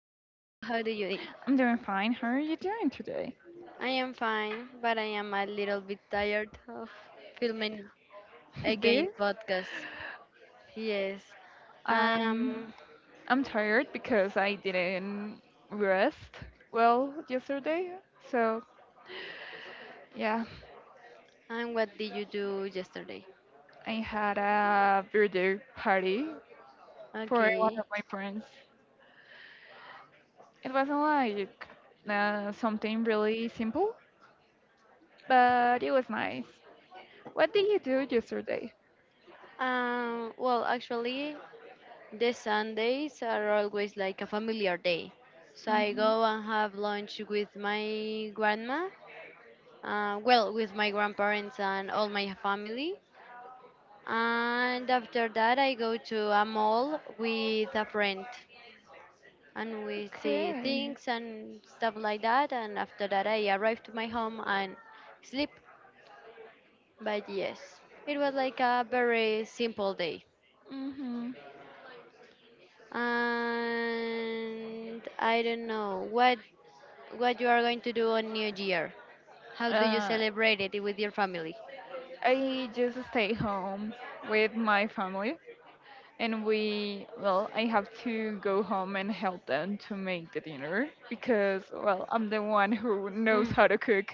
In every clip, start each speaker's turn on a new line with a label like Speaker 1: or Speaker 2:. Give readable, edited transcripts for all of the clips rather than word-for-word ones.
Speaker 1: do you?
Speaker 2: I'm doing fine. How are you doing today?
Speaker 1: I am fine, but I am a little bit tired of filming again
Speaker 2: this
Speaker 1: podcast. Yes.
Speaker 2: I'm
Speaker 1: Um,
Speaker 2: I'm tired because I didn't rest well yesterday. So yeah,
Speaker 1: and what did you do yesterday?
Speaker 2: I had a birthday party for one
Speaker 1: Okay.
Speaker 2: of my friends. It wasn't like something really simple, but it was nice. What did you do yesterday?
Speaker 1: Well, actually, the Sundays are always like a familiar day. So I go
Speaker 2: Hmm.
Speaker 1: and have lunch with my grandma, well, with my grandparents and all my family. And after that, I go to a mall with a friend and we see
Speaker 2: Okay.
Speaker 1: things and stuff like that. And after that, I arrive to my home and sleep. But yes, it was like a very simple day.
Speaker 2: Mm-hmm.
Speaker 1: And I don't know what you are going to do on New Year. How do you
Speaker 2: Uh,
Speaker 1: celebrate it with your family?
Speaker 2: I just stay home with my family and well, I have to go home and help them to make the dinner because, well, I'm the one who knows
Speaker 1: Hmm.
Speaker 2: how to cook.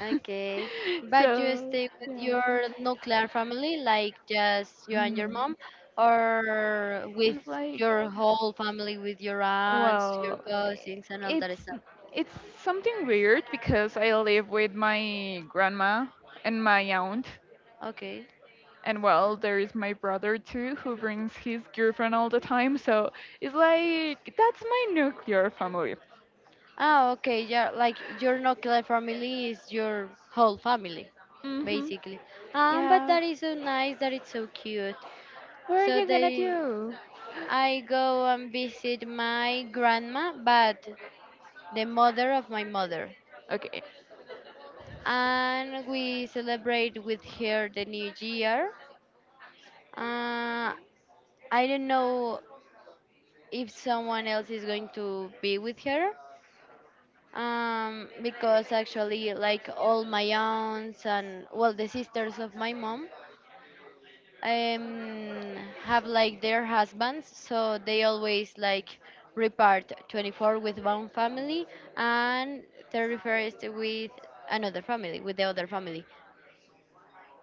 Speaker 1: Okay, but you
Speaker 2: So,
Speaker 1: stay with
Speaker 2: yeah.
Speaker 1: your nuclear family, like just you and your
Speaker 2: Mhm.
Speaker 1: mom, or with
Speaker 2: It's like,
Speaker 1: your whole family, with your aunts, your
Speaker 2: well,
Speaker 1: cousins, and all
Speaker 2: it's
Speaker 1: that stuff.
Speaker 2: it's something weird because I live with my grandma and my aunt.
Speaker 1: Okay.
Speaker 2: And well, there is my brother too, who brings his girlfriend all the time. So it's like, that's my nuclear family.
Speaker 1: Ah, okay. Yeah, like your nuclear family is your whole family,
Speaker 2: Mm-hmm.
Speaker 1: basically. But
Speaker 2: Yeah.
Speaker 1: that is so nice. That it's so cute.
Speaker 2: What are
Speaker 1: So
Speaker 2: you gonna
Speaker 1: they,
Speaker 2: do?
Speaker 1: I go and visit my grandma, but the mother of my mother.
Speaker 2: Okay.
Speaker 1: And we celebrate with her the new year. Uh, I don't know if someone else is going to be with her, because actually, like all my aunts and well, the sisters of my mom um, have like their husbands, so they always like repart 24th with one family and 31st with another family, with the other family.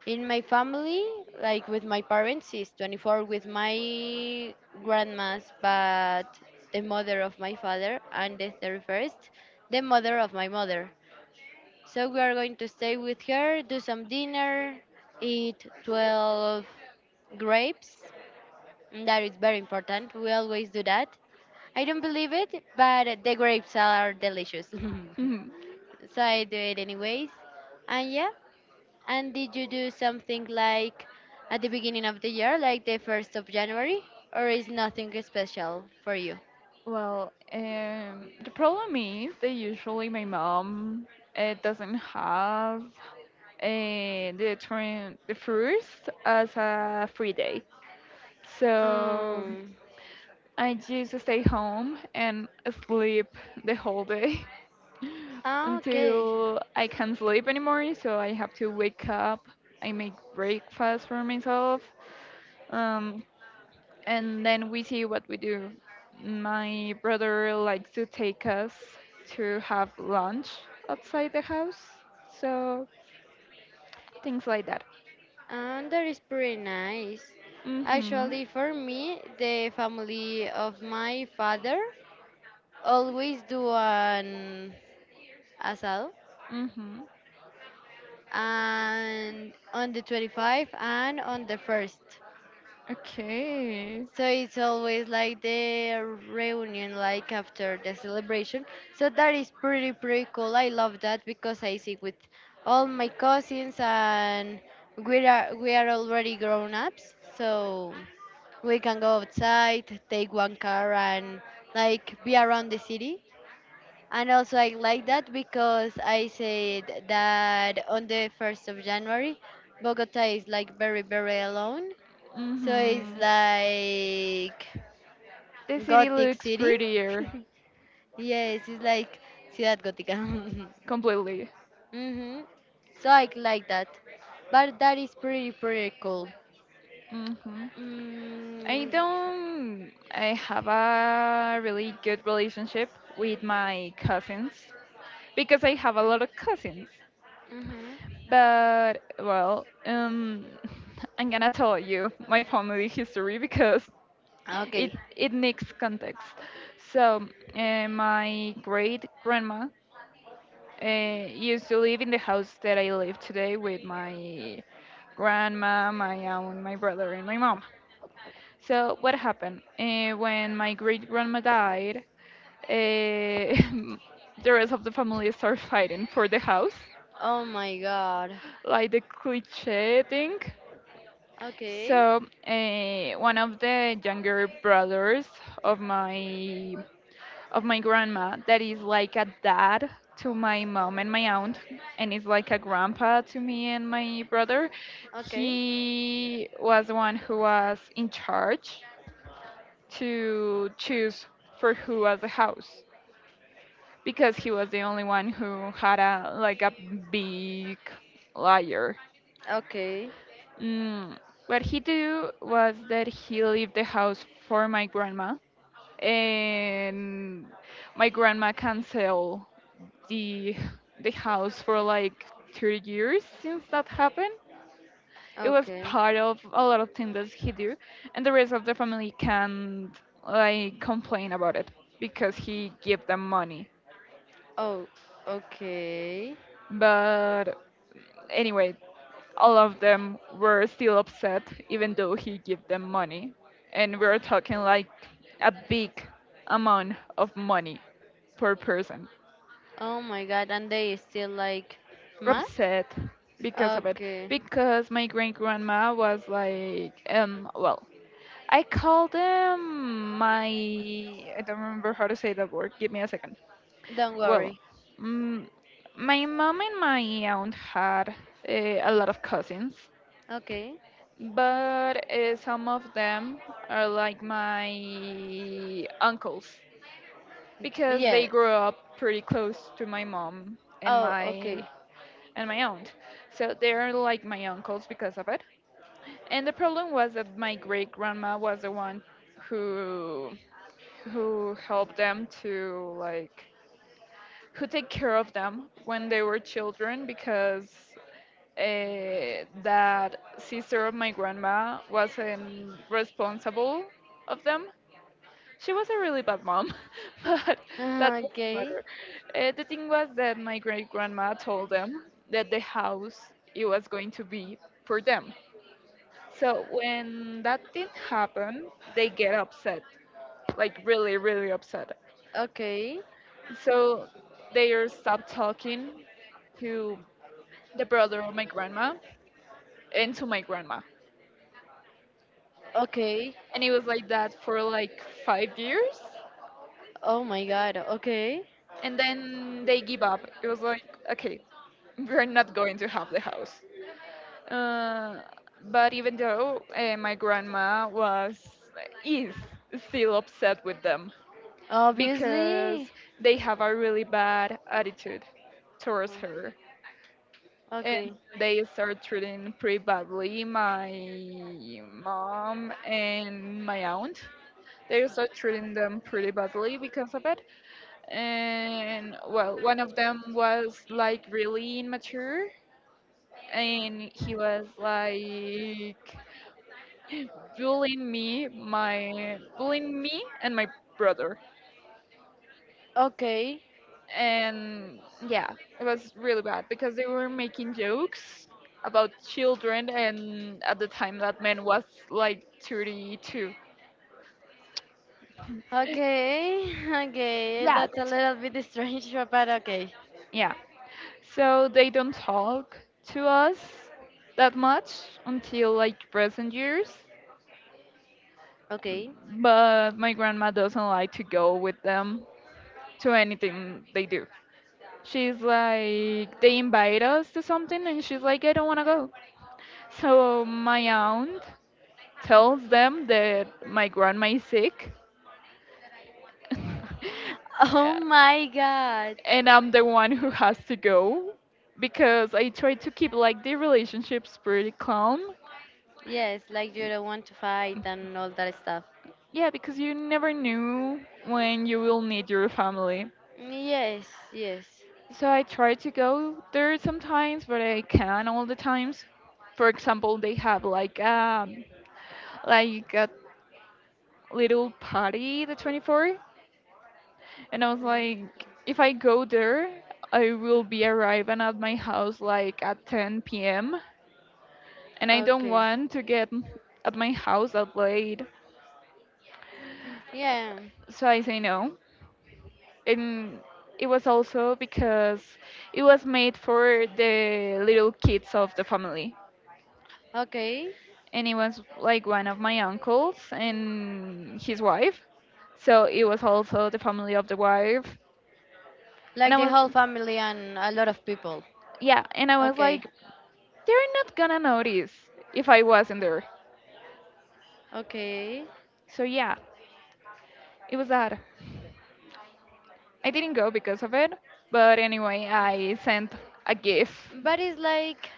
Speaker 1: In my family, like with my parents, is 24th with my grandmas, but the mother of my father, and the 31st, the mother of my mother. So we are going to stay with her, do some dinner, eat 12 grapes. That is very important. We always do that. I don't believe it, but the grapes are delicious.
Speaker 2: Mhm.
Speaker 1: So I do it anyways. And yeah, and did you do something like at the beginning of the year, like the 1st of January, or is nothing special for you?
Speaker 2: Well, the problem is that usually my mom doesn't have the train the first as a free day, so
Speaker 1: Um,
Speaker 2: I just stay home and sleep the whole day.
Speaker 1: ah, okay.
Speaker 2: Until I can't sleep anymore. So I have to wake up. I make breakfast for myself, um, and then we see what we do. My brother likes to take us to have lunch outside the house, so things like that.
Speaker 1: That is pretty nice.
Speaker 2: Mhm.
Speaker 1: Actually, for me, the family of my father always do an asado,
Speaker 2: Mhm.
Speaker 1: and on the 25th and on the 1st.
Speaker 2: Okay.
Speaker 1: So it's always like the reunion, like after the celebration. So that is pretty, pretty cool. I love that because I see with all my cousins and we are already grown ups. So we can go outside, take one car, and like be around the city. And also I like that because I said that on the 1st of January, Bogota is like very, very alone. So it's
Speaker 2: Mhm.
Speaker 1: like
Speaker 2: The city
Speaker 1: Gothic
Speaker 2: looks
Speaker 1: City.
Speaker 2: prettier
Speaker 1: Yes, it's like Ciudad Gótica.
Speaker 2: completely.
Speaker 1: Hmm. So I like that. But that is pretty, pretty cool.
Speaker 2: Mhm. I
Speaker 1: Mm,
Speaker 2: don't. I have a really good relationship with my cousins because I have a lot of cousins.
Speaker 1: hmm.
Speaker 2: But well, I'm gonna tell you my family history because
Speaker 1: Okay.
Speaker 2: it needs context. So my great grandma used to live in the house that I live today with my grandma, my aunt, my brother, and my mom. So what happened? When my great grandma died, eh, the rest of the family start fighting for the house,
Speaker 1: Oh my god.
Speaker 2: like the cliche thing.
Speaker 1: Okay.
Speaker 2: So one of the younger brothers of my of my grandma, that is like a dad to my mom and my aunt, and is like a grandpa to me and my brother.
Speaker 1: Okay.
Speaker 2: He was the one who was in charge to choose for who was the house. Because he was the only one who had a like a big liar.
Speaker 1: Okay.
Speaker 2: Mm. What he do was that he leave the house for my grandma, and my grandma cancel the the house for like 3 years since that happened. It was
Speaker 1: Okay.
Speaker 2: part of a lot of things that he do, and the rest of the family can't like complain about it because he give them money.
Speaker 1: Oh, okay.
Speaker 2: But anyway, all of them were still upset, even though he gave them money. And we are talking like a big amount of money per person.
Speaker 1: Oh my god. And they still like math?
Speaker 2: Upset because of it.
Speaker 1: Okay.
Speaker 2: Because my great grandma was like, well, I call them my. I don't remember how to say that word. Give me a second.
Speaker 1: Don't
Speaker 2: Well,
Speaker 1: worry.
Speaker 2: mm, my mom and my aunt had a lot of cousins,
Speaker 1: Okay.
Speaker 2: but some of them are like my uncles because they
Speaker 1: Yes.
Speaker 2: grew up pretty close to my mom
Speaker 1: Oh, okay.
Speaker 2: and my aunt, so they're like my uncles because of it. And the problem was that my great grandma was the one who who helped them to like who take care of them when they were children because that sister of my grandma wasn't responsible of them. She was a really bad mom, but that doesn't
Speaker 1: Okay.
Speaker 2: matter. The thing was that my great grandma told them that the house it was going to be for them. So when that didn't happen, they get upset, like really, really upset.
Speaker 1: Okay,
Speaker 2: So they stopped talking to the brother of my grandma and to my grandma.
Speaker 1: okay.
Speaker 2: And it was like that for like 5 years,
Speaker 1: Oh my God. Okay.
Speaker 2: and then they give up. It was like, okay, we're not going to have the house. uh, but even though my grandma was is still upset with them because
Speaker 1: Obviously.
Speaker 2: they have a really bad attitude towards
Speaker 1: Oh,
Speaker 2: her, and
Speaker 1: okay,
Speaker 2: they start treating pretty badly my mom and my aunt. They start treating them pretty badly because of it. And well, one of them was like really immature, and he was like bullying me, and my brother.
Speaker 1: okay,
Speaker 2: And yeah, it was really bad because they were making jokes about children, and at the time that man was like 32.
Speaker 1: okay, okay.
Speaker 2: Yeah,
Speaker 1: That's a little bit strange, but okay,
Speaker 2: yeah, so they don't talk to us that much until like present years.
Speaker 1: okay.
Speaker 2: But my grandma doesn't like to go with them to anything they do. She's like, they invite us to something, and she's like, I don't want to go. So my aunt tells them that my grandma is sick.
Speaker 1: Oh
Speaker 2: Yeah.
Speaker 1: my God.
Speaker 2: And I'm the one who has to go because I try to keep like the relationships pretty calm.
Speaker 1: Yes, like you don't want to fight and all that stuff.
Speaker 2: Yeah, because you never knew when you will need your family.
Speaker 1: Yes, yes.
Speaker 2: So I try to go there sometimes, but I can't all the times. For example, they have like a little party the 24th, and I was like, if I go there, I will be arriving at my house like at 10 p.m., and I don't
Speaker 1: Okay.
Speaker 2: want to get at my house that late,
Speaker 1: Yeah.
Speaker 2: so I say no. And it was also because it was made for the little kids of the family.
Speaker 1: Okay.
Speaker 2: And it was like one of my uncles and his wife. So it was also the family of the wife. And
Speaker 1: Like the whole family and a lot of people.
Speaker 2: yeah, and I was
Speaker 1: Okay.
Speaker 2: like, they're not gonna notice if I wasn't there.
Speaker 1: Okay.
Speaker 2: So yeah, it was that. I didn't go because of it, but anyway, I sent a gif.
Speaker 1: But it's like,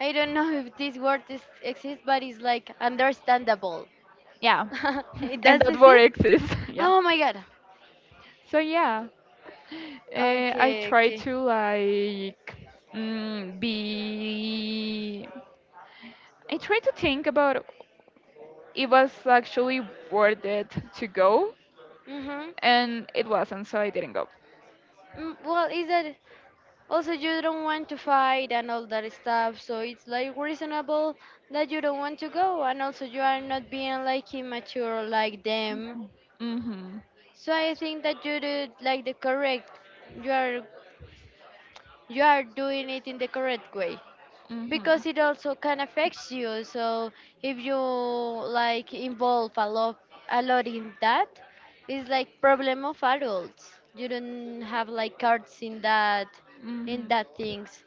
Speaker 1: I don't know if this word exists, but it's like understandable.
Speaker 2: Yeah,
Speaker 1: It
Speaker 2: and
Speaker 1: does
Speaker 2: that word
Speaker 1: exist?
Speaker 2: exists. Yeah.
Speaker 1: Oh my god.
Speaker 2: So yeah, I
Speaker 1: Okay,
Speaker 2: try
Speaker 1: okay.
Speaker 2: to like be. I try to think about it was actually worth it to go,
Speaker 1: Mhm.
Speaker 2: and it wasn't, so I didn't go.
Speaker 1: Well, is that also you don't want to fight and all that stuff, so it's like reasonable that you don't want to go, and also you are not being like immature like them.
Speaker 2: Mhm.
Speaker 1: So I think that you did like the correct. You are you are doing it in the correct way. Because
Speaker 2: Mhm.
Speaker 1: it also can affects you, so if you like involve a lot in that, it's like problem of adults, you don't have like cards in that in
Speaker 2: Mhm.
Speaker 1: that things.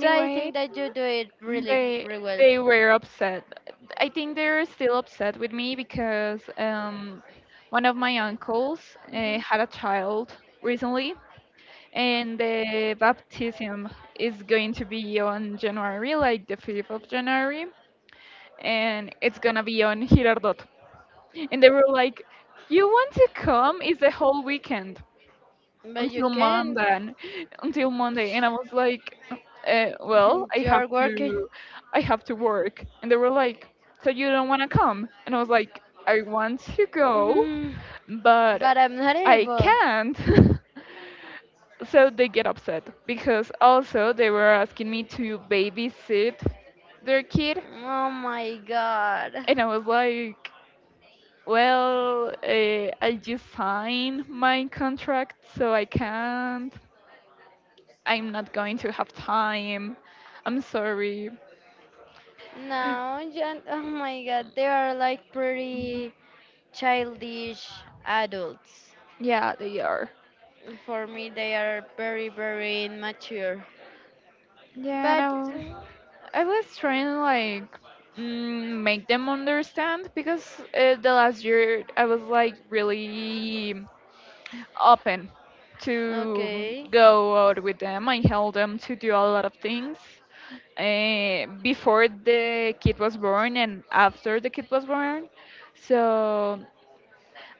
Speaker 1: So I think that you do it really,
Speaker 2: they
Speaker 1: really well.
Speaker 2: they were upset. I think they're still upset with me because one of my uncles
Speaker 1: Hmm.
Speaker 2: had a child recently, and the baptism is going to be on January, like the 5th of January, and it's gonna be on Girardot. And they were like, "You want to come? It's the whole weekend
Speaker 1: But you
Speaker 2: until
Speaker 1: can.
Speaker 2: Monday, until Monday." And I was like, "Well, I have
Speaker 1: You're working.
Speaker 2: to, I have to work." And they were like, "So you don't want to come?" And I was like, "I want to go,
Speaker 1: Mhm.
Speaker 2: but
Speaker 1: But I'm not
Speaker 2: I
Speaker 1: able.
Speaker 2: can't." So they get upset because also they were asking me to babysit their kid,
Speaker 1: Oh my god.
Speaker 2: and I was like. Well, I just signed my contract, so I can't. I'm not going to have time. I'm sorry.
Speaker 1: No, oh my god, they are like pretty childish adults.
Speaker 2: Yeah, they are.
Speaker 1: For me, they are very, very immature.
Speaker 2: Yeah,
Speaker 1: But
Speaker 2: no. I was trying to like make them understand because the last year I was like really open to
Speaker 1: okay,
Speaker 2: go out with them. I helped them to do a lot of things before the kid was born and after the kid was born. So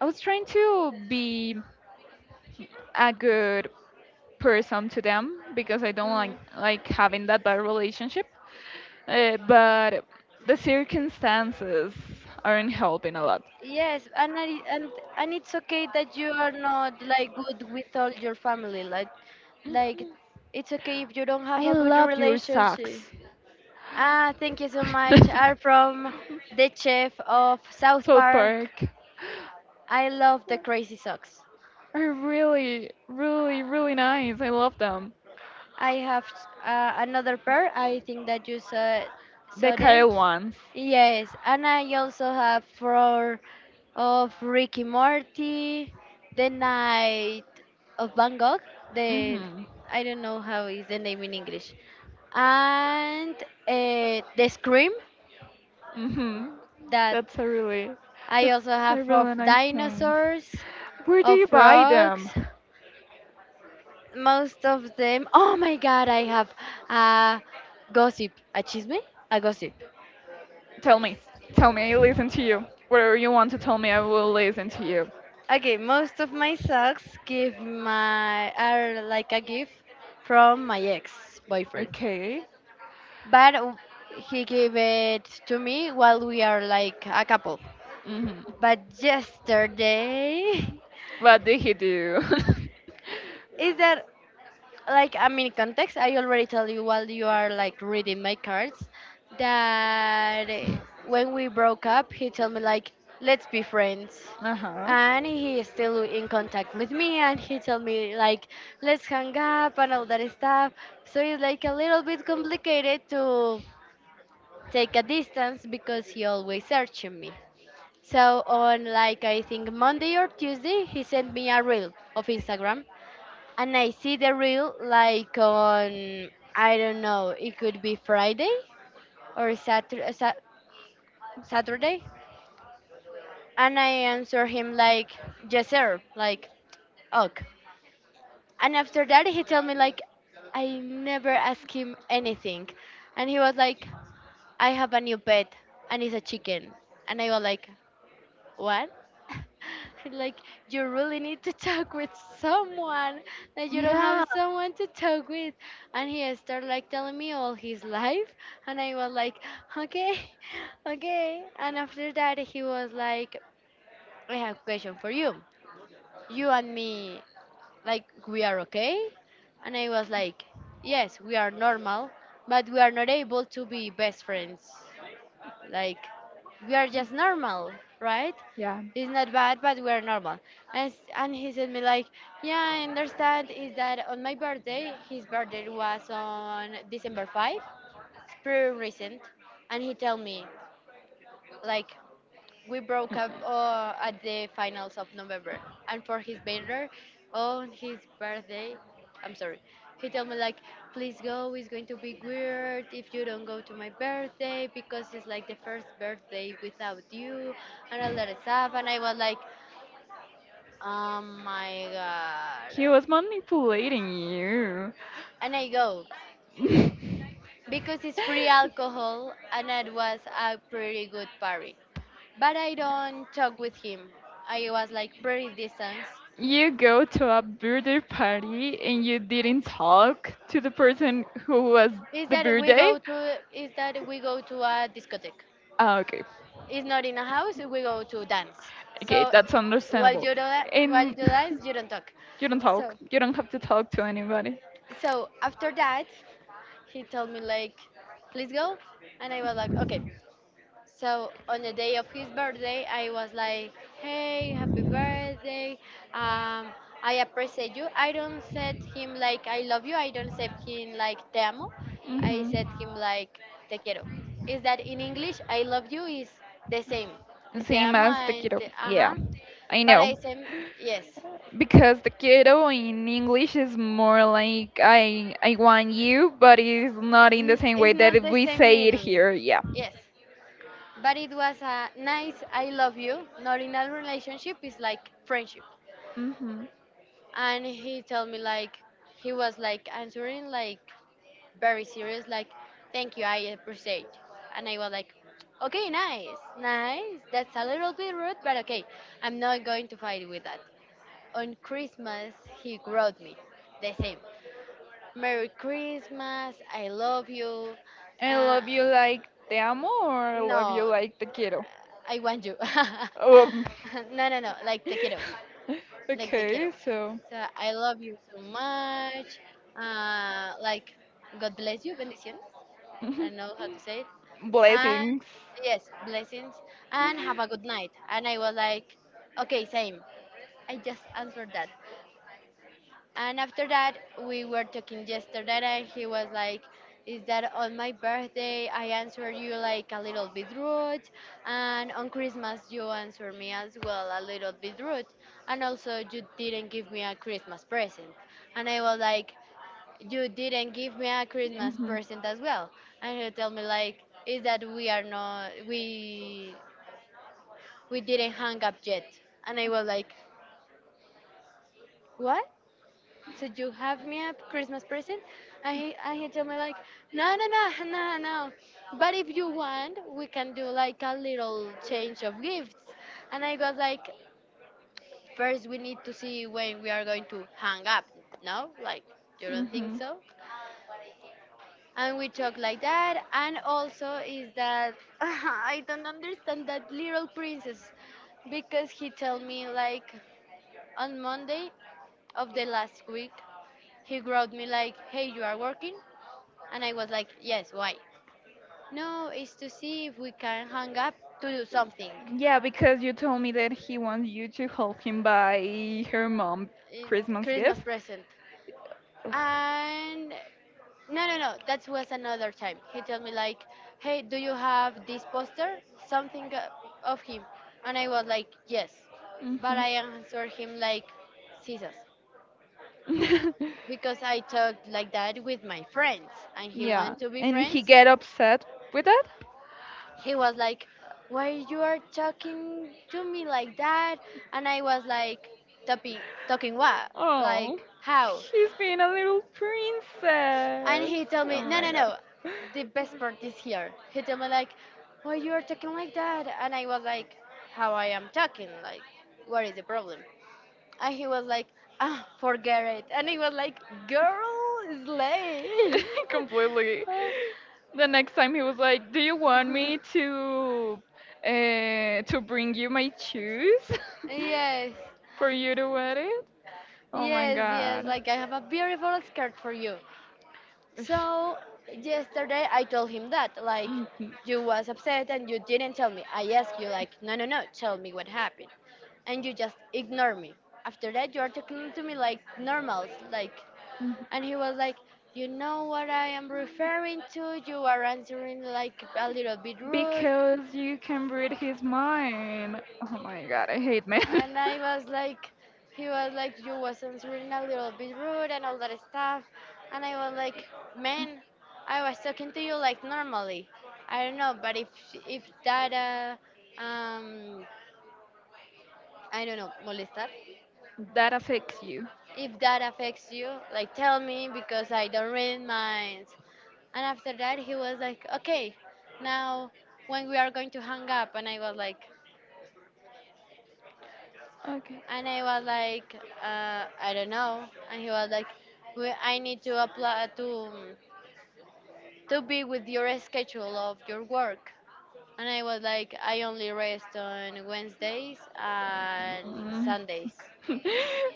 Speaker 2: I was trying to be a good person to them because I don't like
Speaker 1: mm,
Speaker 2: like having that bad relationship. But the circumstances aren't helping a lot.
Speaker 1: yes, and I, and it's okay that you are not like good with all your family. Like, like
Speaker 2: Mhm.
Speaker 1: it's okay if you don't have
Speaker 2: I
Speaker 1: a good
Speaker 2: love your
Speaker 1: relationship.
Speaker 2: socks.
Speaker 1: Ah, thank you so much. I'm from the chef of South
Speaker 2: South
Speaker 1: Park.
Speaker 2: Park
Speaker 1: I love the Crazy Socks.
Speaker 2: are really, really, really nice. I love them.
Speaker 1: I have another pair. I think that you saw
Speaker 2: The
Speaker 1: saw them.
Speaker 2: Kyle ones.
Speaker 1: Yes, and I also have four of Ricky Morty, The Night of Van Gogh. The
Speaker 2: Mhm.
Speaker 1: I don't know how is the name in English, and The Scream.
Speaker 2: Mhm.
Speaker 1: That
Speaker 2: That's
Speaker 1: I also
Speaker 2: a
Speaker 1: have
Speaker 2: really
Speaker 1: of
Speaker 2: nice paint.
Speaker 1: dinosaurs,
Speaker 2: Where do
Speaker 1: of
Speaker 2: you buy
Speaker 1: frogs.
Speaker 2: them?
Speaker 1: Most of them. Oh my god, I have a gossip, a chisme, a gossip.
Speaker 2: Tell me. Tell me. I listen to you. Whatever you want to tell me, I will listen to you.
Speaker 1: Okay, most of my socks give my are like a gift from my ex boyfriend,
Speaker 2: Okay.
Speaker 1: but he gave it to me while we are like a couple.
Speaker 2: Mhm.
Speaker 1: But yesterday
Speaker 2: What did he do?
Speaker 1: is that, like, I mean, context I already tell you while you are like reading my cards, that when we broke up he told me like, let's be friends,
Speaker 2: Uh huh.
Speaker 1: and he is still in contact with me and he told me like, let's hang up and all that stuff. So it's like a little bit complicated to take a distance because he always searching me. So on, like, I think Monday or Tuesday, he sent me a reel of Instagram, and I see the reel like on, I don't know, it could be Friday or Saturday, Saturday. And I answer him like, yes, sir, like, ok. And after that, he told me like, I never ask him anything. And he was like, I have a new pet and it's a chicken. And I was like, what? Like, you really need to talk with someone, that you don't
Speaker 2: Yeah.
Speaker 1: have someone to talk with. And he started like telling me all his life, and I was like, okay. Okay. And after that he was like, I have a question for you, you and me, like, we are okay? And I was like, yes, we are normal, but we are not able to be best friends, like, we are just normal, right?
Speaker 2: Yeah.
Speaker 1: It's not bad, but we are normal. And he said me like, yeah, I understand. Is that on my birthday? His birthday was on December 5th. It's pretty recent. And he told me like, we broke up at the finals of November. And on his birthday, I'm sorry. He told me like, please go. It's going to be weird if you don't go to my birthday because it's like the first birthday without you and all that stuff. And I was like, oh my god.
Speaker 2: He was manipulating you.
Speaker 1: And I go because it's free alcohol and it was a pretty good party. But I don't talk with him. I was like pretty distance.
Speaker 2: You go to a birthday party and you didn't talk to the person who was the birthday?
Speaker 1: Is that we go to a discotheque.
Speaker 2: Ah, okay.
Speaker 1: It's not in a house, we go to dance.
Speaker 2: Okay,
Speaker 1: So
Speaker 2: that's
Speaker 1: while
Speaker 2: understandable.
Speaker 1: you do that, while you
Speaker 2: And
Speaker 1: dance, you don't talk.
Speaker 2: you don't talk.
Speaker 1: So
Speaker 2: You don't have to talk to anybody.
Speaker 1: so after that he told me like, please go, and I was like, okay. So on the day of his birthday, I was like, "Hey, happy birthday! Um, I appreciate you." I don't said him like "I love you." I don't said him like "Te amo." I
Speaker 2: Mhm.
Speaker 1: said him like "Te quiero." Is that in English? "I love you" is the same. It's "Te
Speaker 2: Same
Speaker 1: amo"
Speaker 2: as the
Speaker 1: and
Speaker 2: kiddo.
Speaker 1: te,
Speaker 2: Yeah,
Speaker 1: uh-huh.
Speaker 2: I
Speaker 1: But I
Speaker 2: know.
Speaker 1: said yes.
Speaker 2: Because the kiddo in English is more like I want you, but it's not in the same way
Speaker 1: It's
Speaker 2: that
Speaker 1: not the
Speaker 2: we
Speaker 1: same
Speaker 2: say it
Speaker 1: meaning.
Speaker 2: here. Yeah.
Speaker 1: Yes. But it was a nice "I love you." Not in a relationship. It's like friendship.
Speaker 2: Mhm.
Speaker 1: And he told me like, he was like answering like very serious like, thank you, I appreciate. And I was like, okay, nice, nice, that's a little bit rude, but okay, I'm not going to fight with that. On Christmas, he wrote me the same, merry Christmas, I love you.
Speaker 2: I
Speaker 1: uh,
Speaker 2: love you like te amo or I love you no
Speaker 1: no,
Speaker 2: like te quiero.
Speaker 1: I want you.
Speaker 2: Um.
Speaker 1: No, no, no, like te quiero, like te quiero.
Speaker 2: Okay, so.
Speaker 1: So I love you so much. Like, God bless you, bendiciones. I
Speaker 2: Mhm.
Speaker 1: don't know how to say it. And
Speaker 2: Blessings.
Speaker 1: yes, blessings. And have a good night. And I was like, okay, same. I just answered that. And after that, we were talking yesterday, and he was like, is that on my birthday? I answered you like a little bit rude. And on Christmas, you answered me as well a little bit rude. And also, you didn't give me a Christmas present. And I was like, you didn't give me a Christmas present as well. And he told me, like, is that we are not, we didn't hang up yet. And I was like, what? So you have me a Christmas present? And he told me like, no, no, no, no, no. But if you want, we can do like a little change of gifts. And I was like, first we need to see when we are going to hang up. No, like you
Speaker 2: Mhm.
Speaker 1: don't think
Speaker 2: Mhm.
Speaker 1: so? And we talk like that. And also is that I don't understand that little princess because he told me like on Monday of the last week he wrote me like, hey, you are working. And I was like, yes, why? No, it's to see if we can hang up to do something.
Speaker 2: Yeah, because you told me that he wants you to help him buy her mom
Speaker 1: In
Speaker 2: Christmas
Speaker 1: Christmas
Speaker 2: gift.
Speaker 1: present. And no, no, no, that was another time. He told me like, hey, do you have this poster? Something of him. And I was like, yes. But
Speaker 2: Mhm.
Speaker 1: I answered him like, scissors. Because I talked like that with my friends. And he
Speaker 2: Yeah,
Speaker 1: wanted to be
Speaker 2: and he
Speaker 1: friends.
Speaker 2: get upset with that.
Speaker 1: He was like, why you are talking to me like that? And I was like, talking, what? Like
Speaker 2: Oh,
Speaker 1: how?
Speaker 2: she's being a little
Speaker 1: And he
Speaker 2: princess.
Speaker 1: told
Speaker 2: Oh
Speaker 1: me, no,
Speaker 2: my
Speaker 1: no,
Speaker 2: god.
Speaker 1: no. The best part is here. He told me like, why you are talking like that? And I was like, how I am talking? Like what is the problem? And he was like, ah, forget it. And he was like, girl, is late.
Speaker 2: Completely. The next time he was like, "Do you want me to bring you my shoes
Speaker 1: Yes,
Speaker 2: for you to wear it?" Oh my
Speaker 1: yes, yes,
Speaker 2: god.
Speaker 1: like I have a beautiful skirt for you. So yesterday I told him that like,
Speaker 2: Mhm.
Speaker 1: you was upset and you didn't tell me. I asked you like, no, no, no, tell me what happened, and you just ignore me. After that you are talking to me like normals. Like
Speaker 2: Mhm.
Speaker 1: and he was like, you know what I am referring to, you are answering like a little bit
Speaker 2: Bit.
Speaker 1: rude.
Speaker 2: Because you can read his mind. Oh my god, I hate men.
Speaker 1: And I was like, he was like, you was not answering a little bit rude and all that stuff, and I was like, man, I was talking to you like normally. I don't know, but if that I don't know, molestar,
Speaker 2: Stuff. That affects you.
Speaker 1: if that affects you, like tell me because I don't read minds. And after that, he was like, okay, now when we are going to hang up, and I was like,
Speaker 2: Okay.
Speaker 1: and I was like, I don't know. And he was like, we, I need to apply to be with your schedule of your work. And I was like, I only rest on Wednesdays and
Speaker 2: Mm.
Speaker 1: Sundays.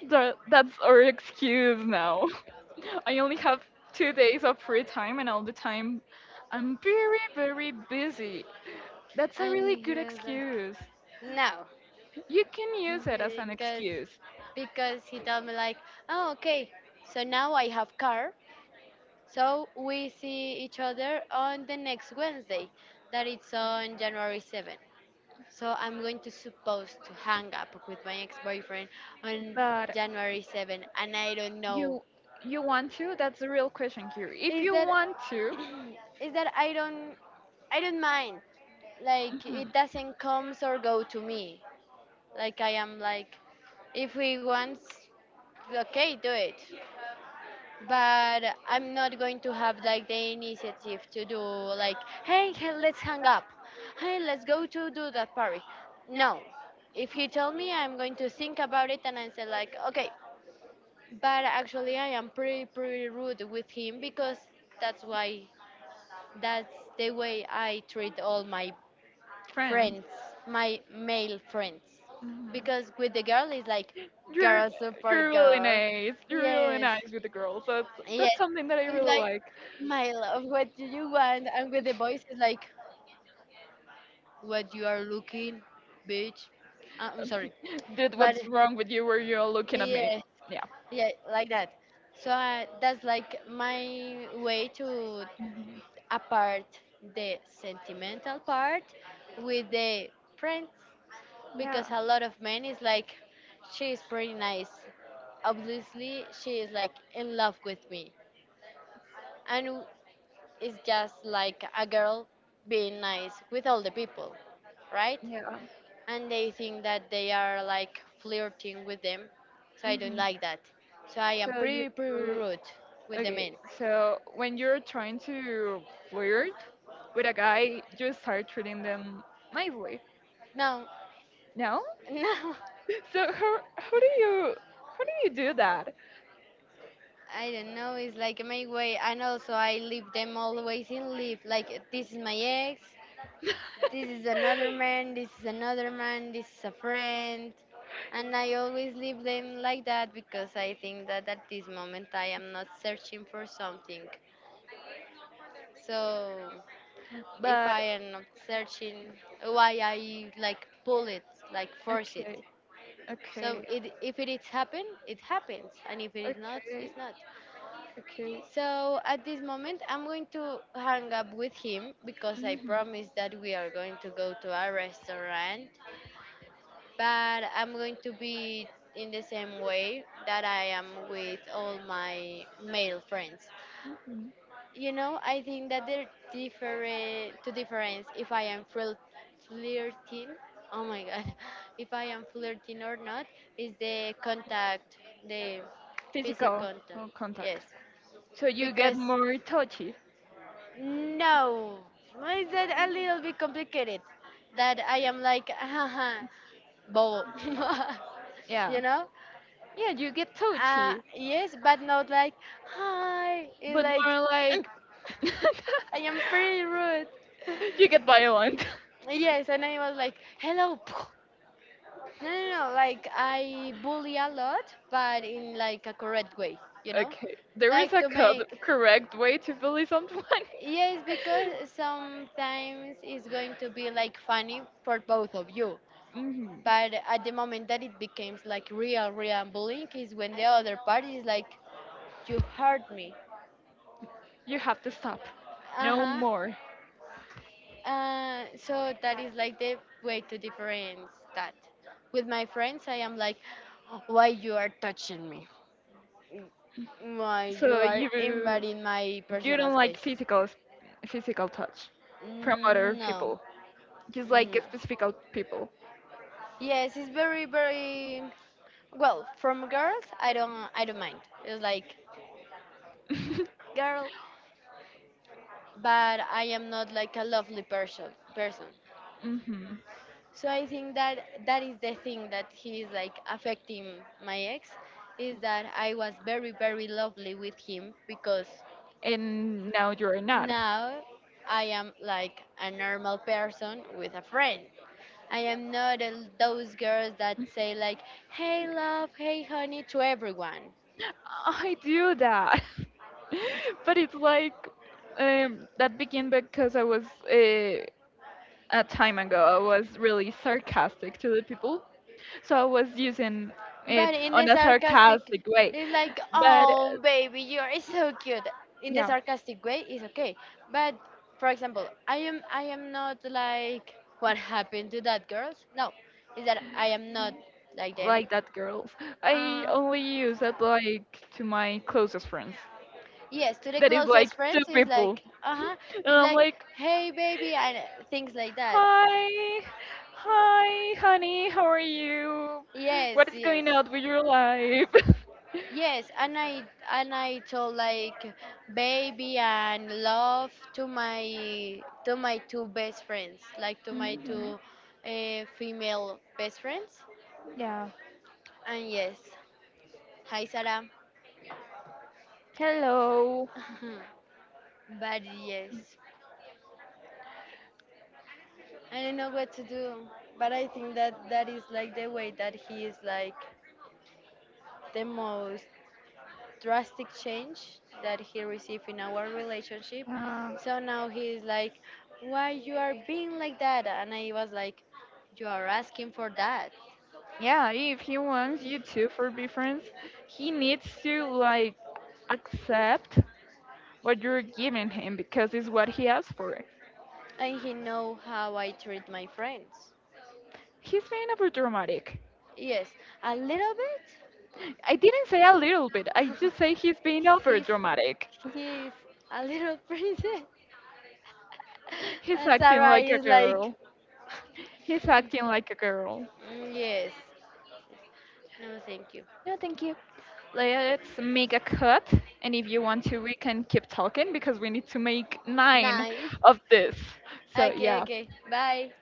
Speaker 2: That's our excuse now. I only have 2 days of free time, and all the time I'm very, very busy. That's a
Speaker 1: And
Speaker 2: really
Speaker 1: he
Speaker 2: good
Speaker 1: was like,
Speaker 2: excuse.
Speaker 1: no,
Speaker 2: You can use it as an
Speaker 1: because
Speaker 2: excuse.
Speaker 1: he told me like, oh okay, so now I have car, so we see each other on the next Wednesday, that it's on January 7th. So I'm going to supposed to hang up with my ex-boyfriend on
Speaker 2: But
Speaker 1: January 7th, and I don't know.
Speaker 2: You you want to? That's the real question here. If
Speaker 1: Is
Speaker 2: you
Speaker 1: that
Speaker 2: want to,
Speaker 1: is that I don't mind. Like
Speaker 2: Mhm.
Speaker 1: it doesn't comes or go to me. Like I am like, if he wants, okay, do it. But I'm not going to have like the initiative to do like, hey, let's hang up, hey, let's go to do that party. No, if he tell me, I'm going to think about it and I say like, okay. But actually, I am pretty rude with him because that's why that's the way I treat all my
Speaker 2: Friends.
Speaker 1: friends, my male friends,
Speaker 2: Mhm.
Speaker 1: because with the girl it's like
Speaker 2: You're
Speaker 1: girl
Speaker 2: you're
Speaker 1: support
Speaker 2: really
Speaker 1: girl.
Speaker 2: nice. You're really
Speaker 1: Yes.
Speaker 2: nice with the girls. That's
Speaker 1: Yes,
Speaker 2: that's something that I
Speaker 1: it's
Speaker 2: really
Speaker 1: like,
Speaker 2: like.
Speaker 1: my love, what do you want? And with the voice, it's like, what you are looking, bitch. I'm sorry,
Speaker 2: Did
Speaker 1: but
Speaker 2: what's wrong with you? Were you all looking at me?
Speaker 1: yes,
Speaker 2: Yeah.
Speaker 1: yeah, like that. So that's like my way to
Speaker 2: Mhm.
Speaker 1: apart the sentimental part with the prince,
Speaker 2: Yeah.
Speaker 1: because a lot of men is like, she's pretty nice. Obviously, she is like in love with me, and it's just like a girl being nice with all the people, right?
Speaker 2: Yeah.
Speaker 1: And they think that they are like flirting with them. So I don't
Speaker 2: Hmm.
Speaker 1: like that. So I am
Speaker 2: So you
Speaker 1: pretty, pretty rude with the
Speaker 2: okay?
Speaker 1: men.
Speaker 2: So when you're trying to flirt with a guy, you start treating them nicely.
Speaker 1: No,
Speaker 2: No?
Speaker 1: no.
Speaker 2: So how do you how do you do that?
Speaker 1: I don't know. It's like my way, and also I leave them always in leave. Like this is my ex. This is another man, this is another man, this is a friend. And I always leave them like that because I think that at this moment I am not searching for something. So if
Speaker 2: But
Speaker 1: I am not searching, why I like pull it, like force it.
Speaker 2: okay,
Speaker 1: So
Speaker 2: okay,
Speaker 1: it, if it is happen, it happens, and if it is not,
Speaker 2: okay,
Speaker 1: it's not.
Speaker 2: okay.
Speaker 1: So at this moment, I'm going to hang up with him because I
Speaker 2: Mhm,
Speaker 1: promised that we are going to go to a restaurant, but I'm going to be in the same way that I am with all my male friends.
Speaker 2: mhm.
Speaker 1: You know, I think that there different to difference if I am flirting. Oh my god, if I am flirting or not is the contact, the physical
Speaker 2: Physical
Speaker 1: contact. Yes,
Speaker 2: contact. So you get
Speaker 1: because
Speaker 2: more touchy.
Speaker 1: no, is that a little bit complicated? That I am like, haha, bow,
Speaker 2: Yeah.
Speaker 1: you know?
Speaker 2: Yeah, you get touchy,
Speaker 1: Yes, but not like hi. It's
Speaker 2: but
Speaker 1: like
Speaker 2: more like
Speaker 1: I am pretty rude.
Speaker 2: you get violent.
Speaker 1: Yes, and I was like hello. No, no, no. Like I bully a lot, but in like a correct way. You know,
Speaker 2: Okay, there is
Speaker 1: like
Speaker 2: a
Speaker 1: to make.
Speaker 2: correct way to bully someone.
Speaker 1: Yes, because sometimes it's going to be like funny for both of you.
Speaker 2: Mhm.
Speaker 1: But at the moment that it becomes like real, real bullying is when the other party is like, you hurt me.
Speaker 2: You have to stop.
Speaker 1: Uh
Speaker 2: No
Speaker 1: huh.
Speaker 2: more.
Speaker 1: So that is like the way to difference that. With my friends, I am like, why you are touching me? Why you
Speaker 2: So
Speaker 1: are
Speaker 2: you
Speaker 1: invading my
Speaker 2: you
Speaker 1: personal
Speaker 2: don't like
Speaker 1: space?
Speaker 2: physical touch from
Speaker 1: Mm,
Speaker 2: other
Speaker 1: no,
Speaker 2: people. Just like
Speaker 1: no.
Speaker 2: specific people.
Speaker 1: Yes, it's very, very well. From girls, I don't mind. It's like girl, but I am not like a lovely person. Person.
Speaker 2: Hmm.
Speaker 1: So I think that that is the thing that he is like affecting my ex is that I was very very lovely with him because
Speaker 2: And now you're not.
Speaker 1: now I am like a normal person with a friend. I am not a, those girls that say like, hey love, hey honey to everyone.
Speaker 2: I do that. But it's like that began because I was uh, a time ago I was really sarcastic to the people, so I was using it
Speaker 1: But in
Speaker 2: on
Speaker 1: the
Speaker 2: a
Speaker 1: sarcastic,
Speaker 2: sarcastic way.
Speaker 1: it's like,
Speaker 2: But
Speaker 1: oh, baby, you're so cute. In the
Speaker 2: yeah,
Speaker 1: sarcastic way, it's okay. But for example, I am not like, what happened to that girls? No, is that I am not like them.
Speaker 2: like that, girls.
Speaker 1: Uh
Speaker 2: I
Speaker 1: huh.
Speaker 2: only use it like to my closest friends.
Speaker 1: Yes, to the
Speaker 2: That is like
Speaker 1: closest
Speaker 2: two
Speaker 1: friends is
Speaker 2: people,
Speaker 1: like, uh huh.
Speaker 2: and
Speaker 1: It's
Speaker 2: I'm
Speaker 1: like,
Speaker 2: like,
Speaker 1: hey, baby, and things like that.
Speaker 2: hi, hi, honey, how are you?
Speaker 1: Yes,
Speaker 2: What is
Speaker 1: yes.
Speaker 2: going on with your life?
Speaker 1: Yes, and I told like baby and love to my two best friends, like to my
Speaker 2: Mhm.
Speaker 1: two female best friends.
Speaker 2: Yeah.
Speaker 1: And yes, hi Sarah.
Speaker 2: Hello.
Speaker 1: But yes, I don't know what to do. But I think that that is like the way that he is like the most drastic change that he received in our relationship.
Speaker 2: Uh,
Speaker 1: So now he's like, "Why you are being like that?" And I was like, "You are asking for that."
Speaker 2: Yeah, if he wants you two for be friends, he needs to like accept what you're giving him because it's what he asked for.
Speaker 1: And he know how I treat my friends.
Speaker 2: He's being overdramatic.
Speaker 1: Yes, a little bit.
Speaker 2: I didn't say a little bit. I just say he's being
Speaker 1: he's
Speaker 2: overdramatic.
Speaker 1: he's a little princess,
Speaker 2: He's
Speaker 1: and
Speaker 2: acting
Speaker 1: Sarah
Speaker 2: like a
Speaker 1: is like,
Speaker 2: girl. He's acting like a girl.
Speaker 1: "Mm, yes, no, thank you.
Speaker 2: No, thank you. Let's make a cut, and if you want to, we can keep talking because we need to make nine
Speaker 1: Nine.
Speaker 2: of this. So
Speaker 1: Okay,
Speaker 2: yeah.
Speaker 1: okay. Bye.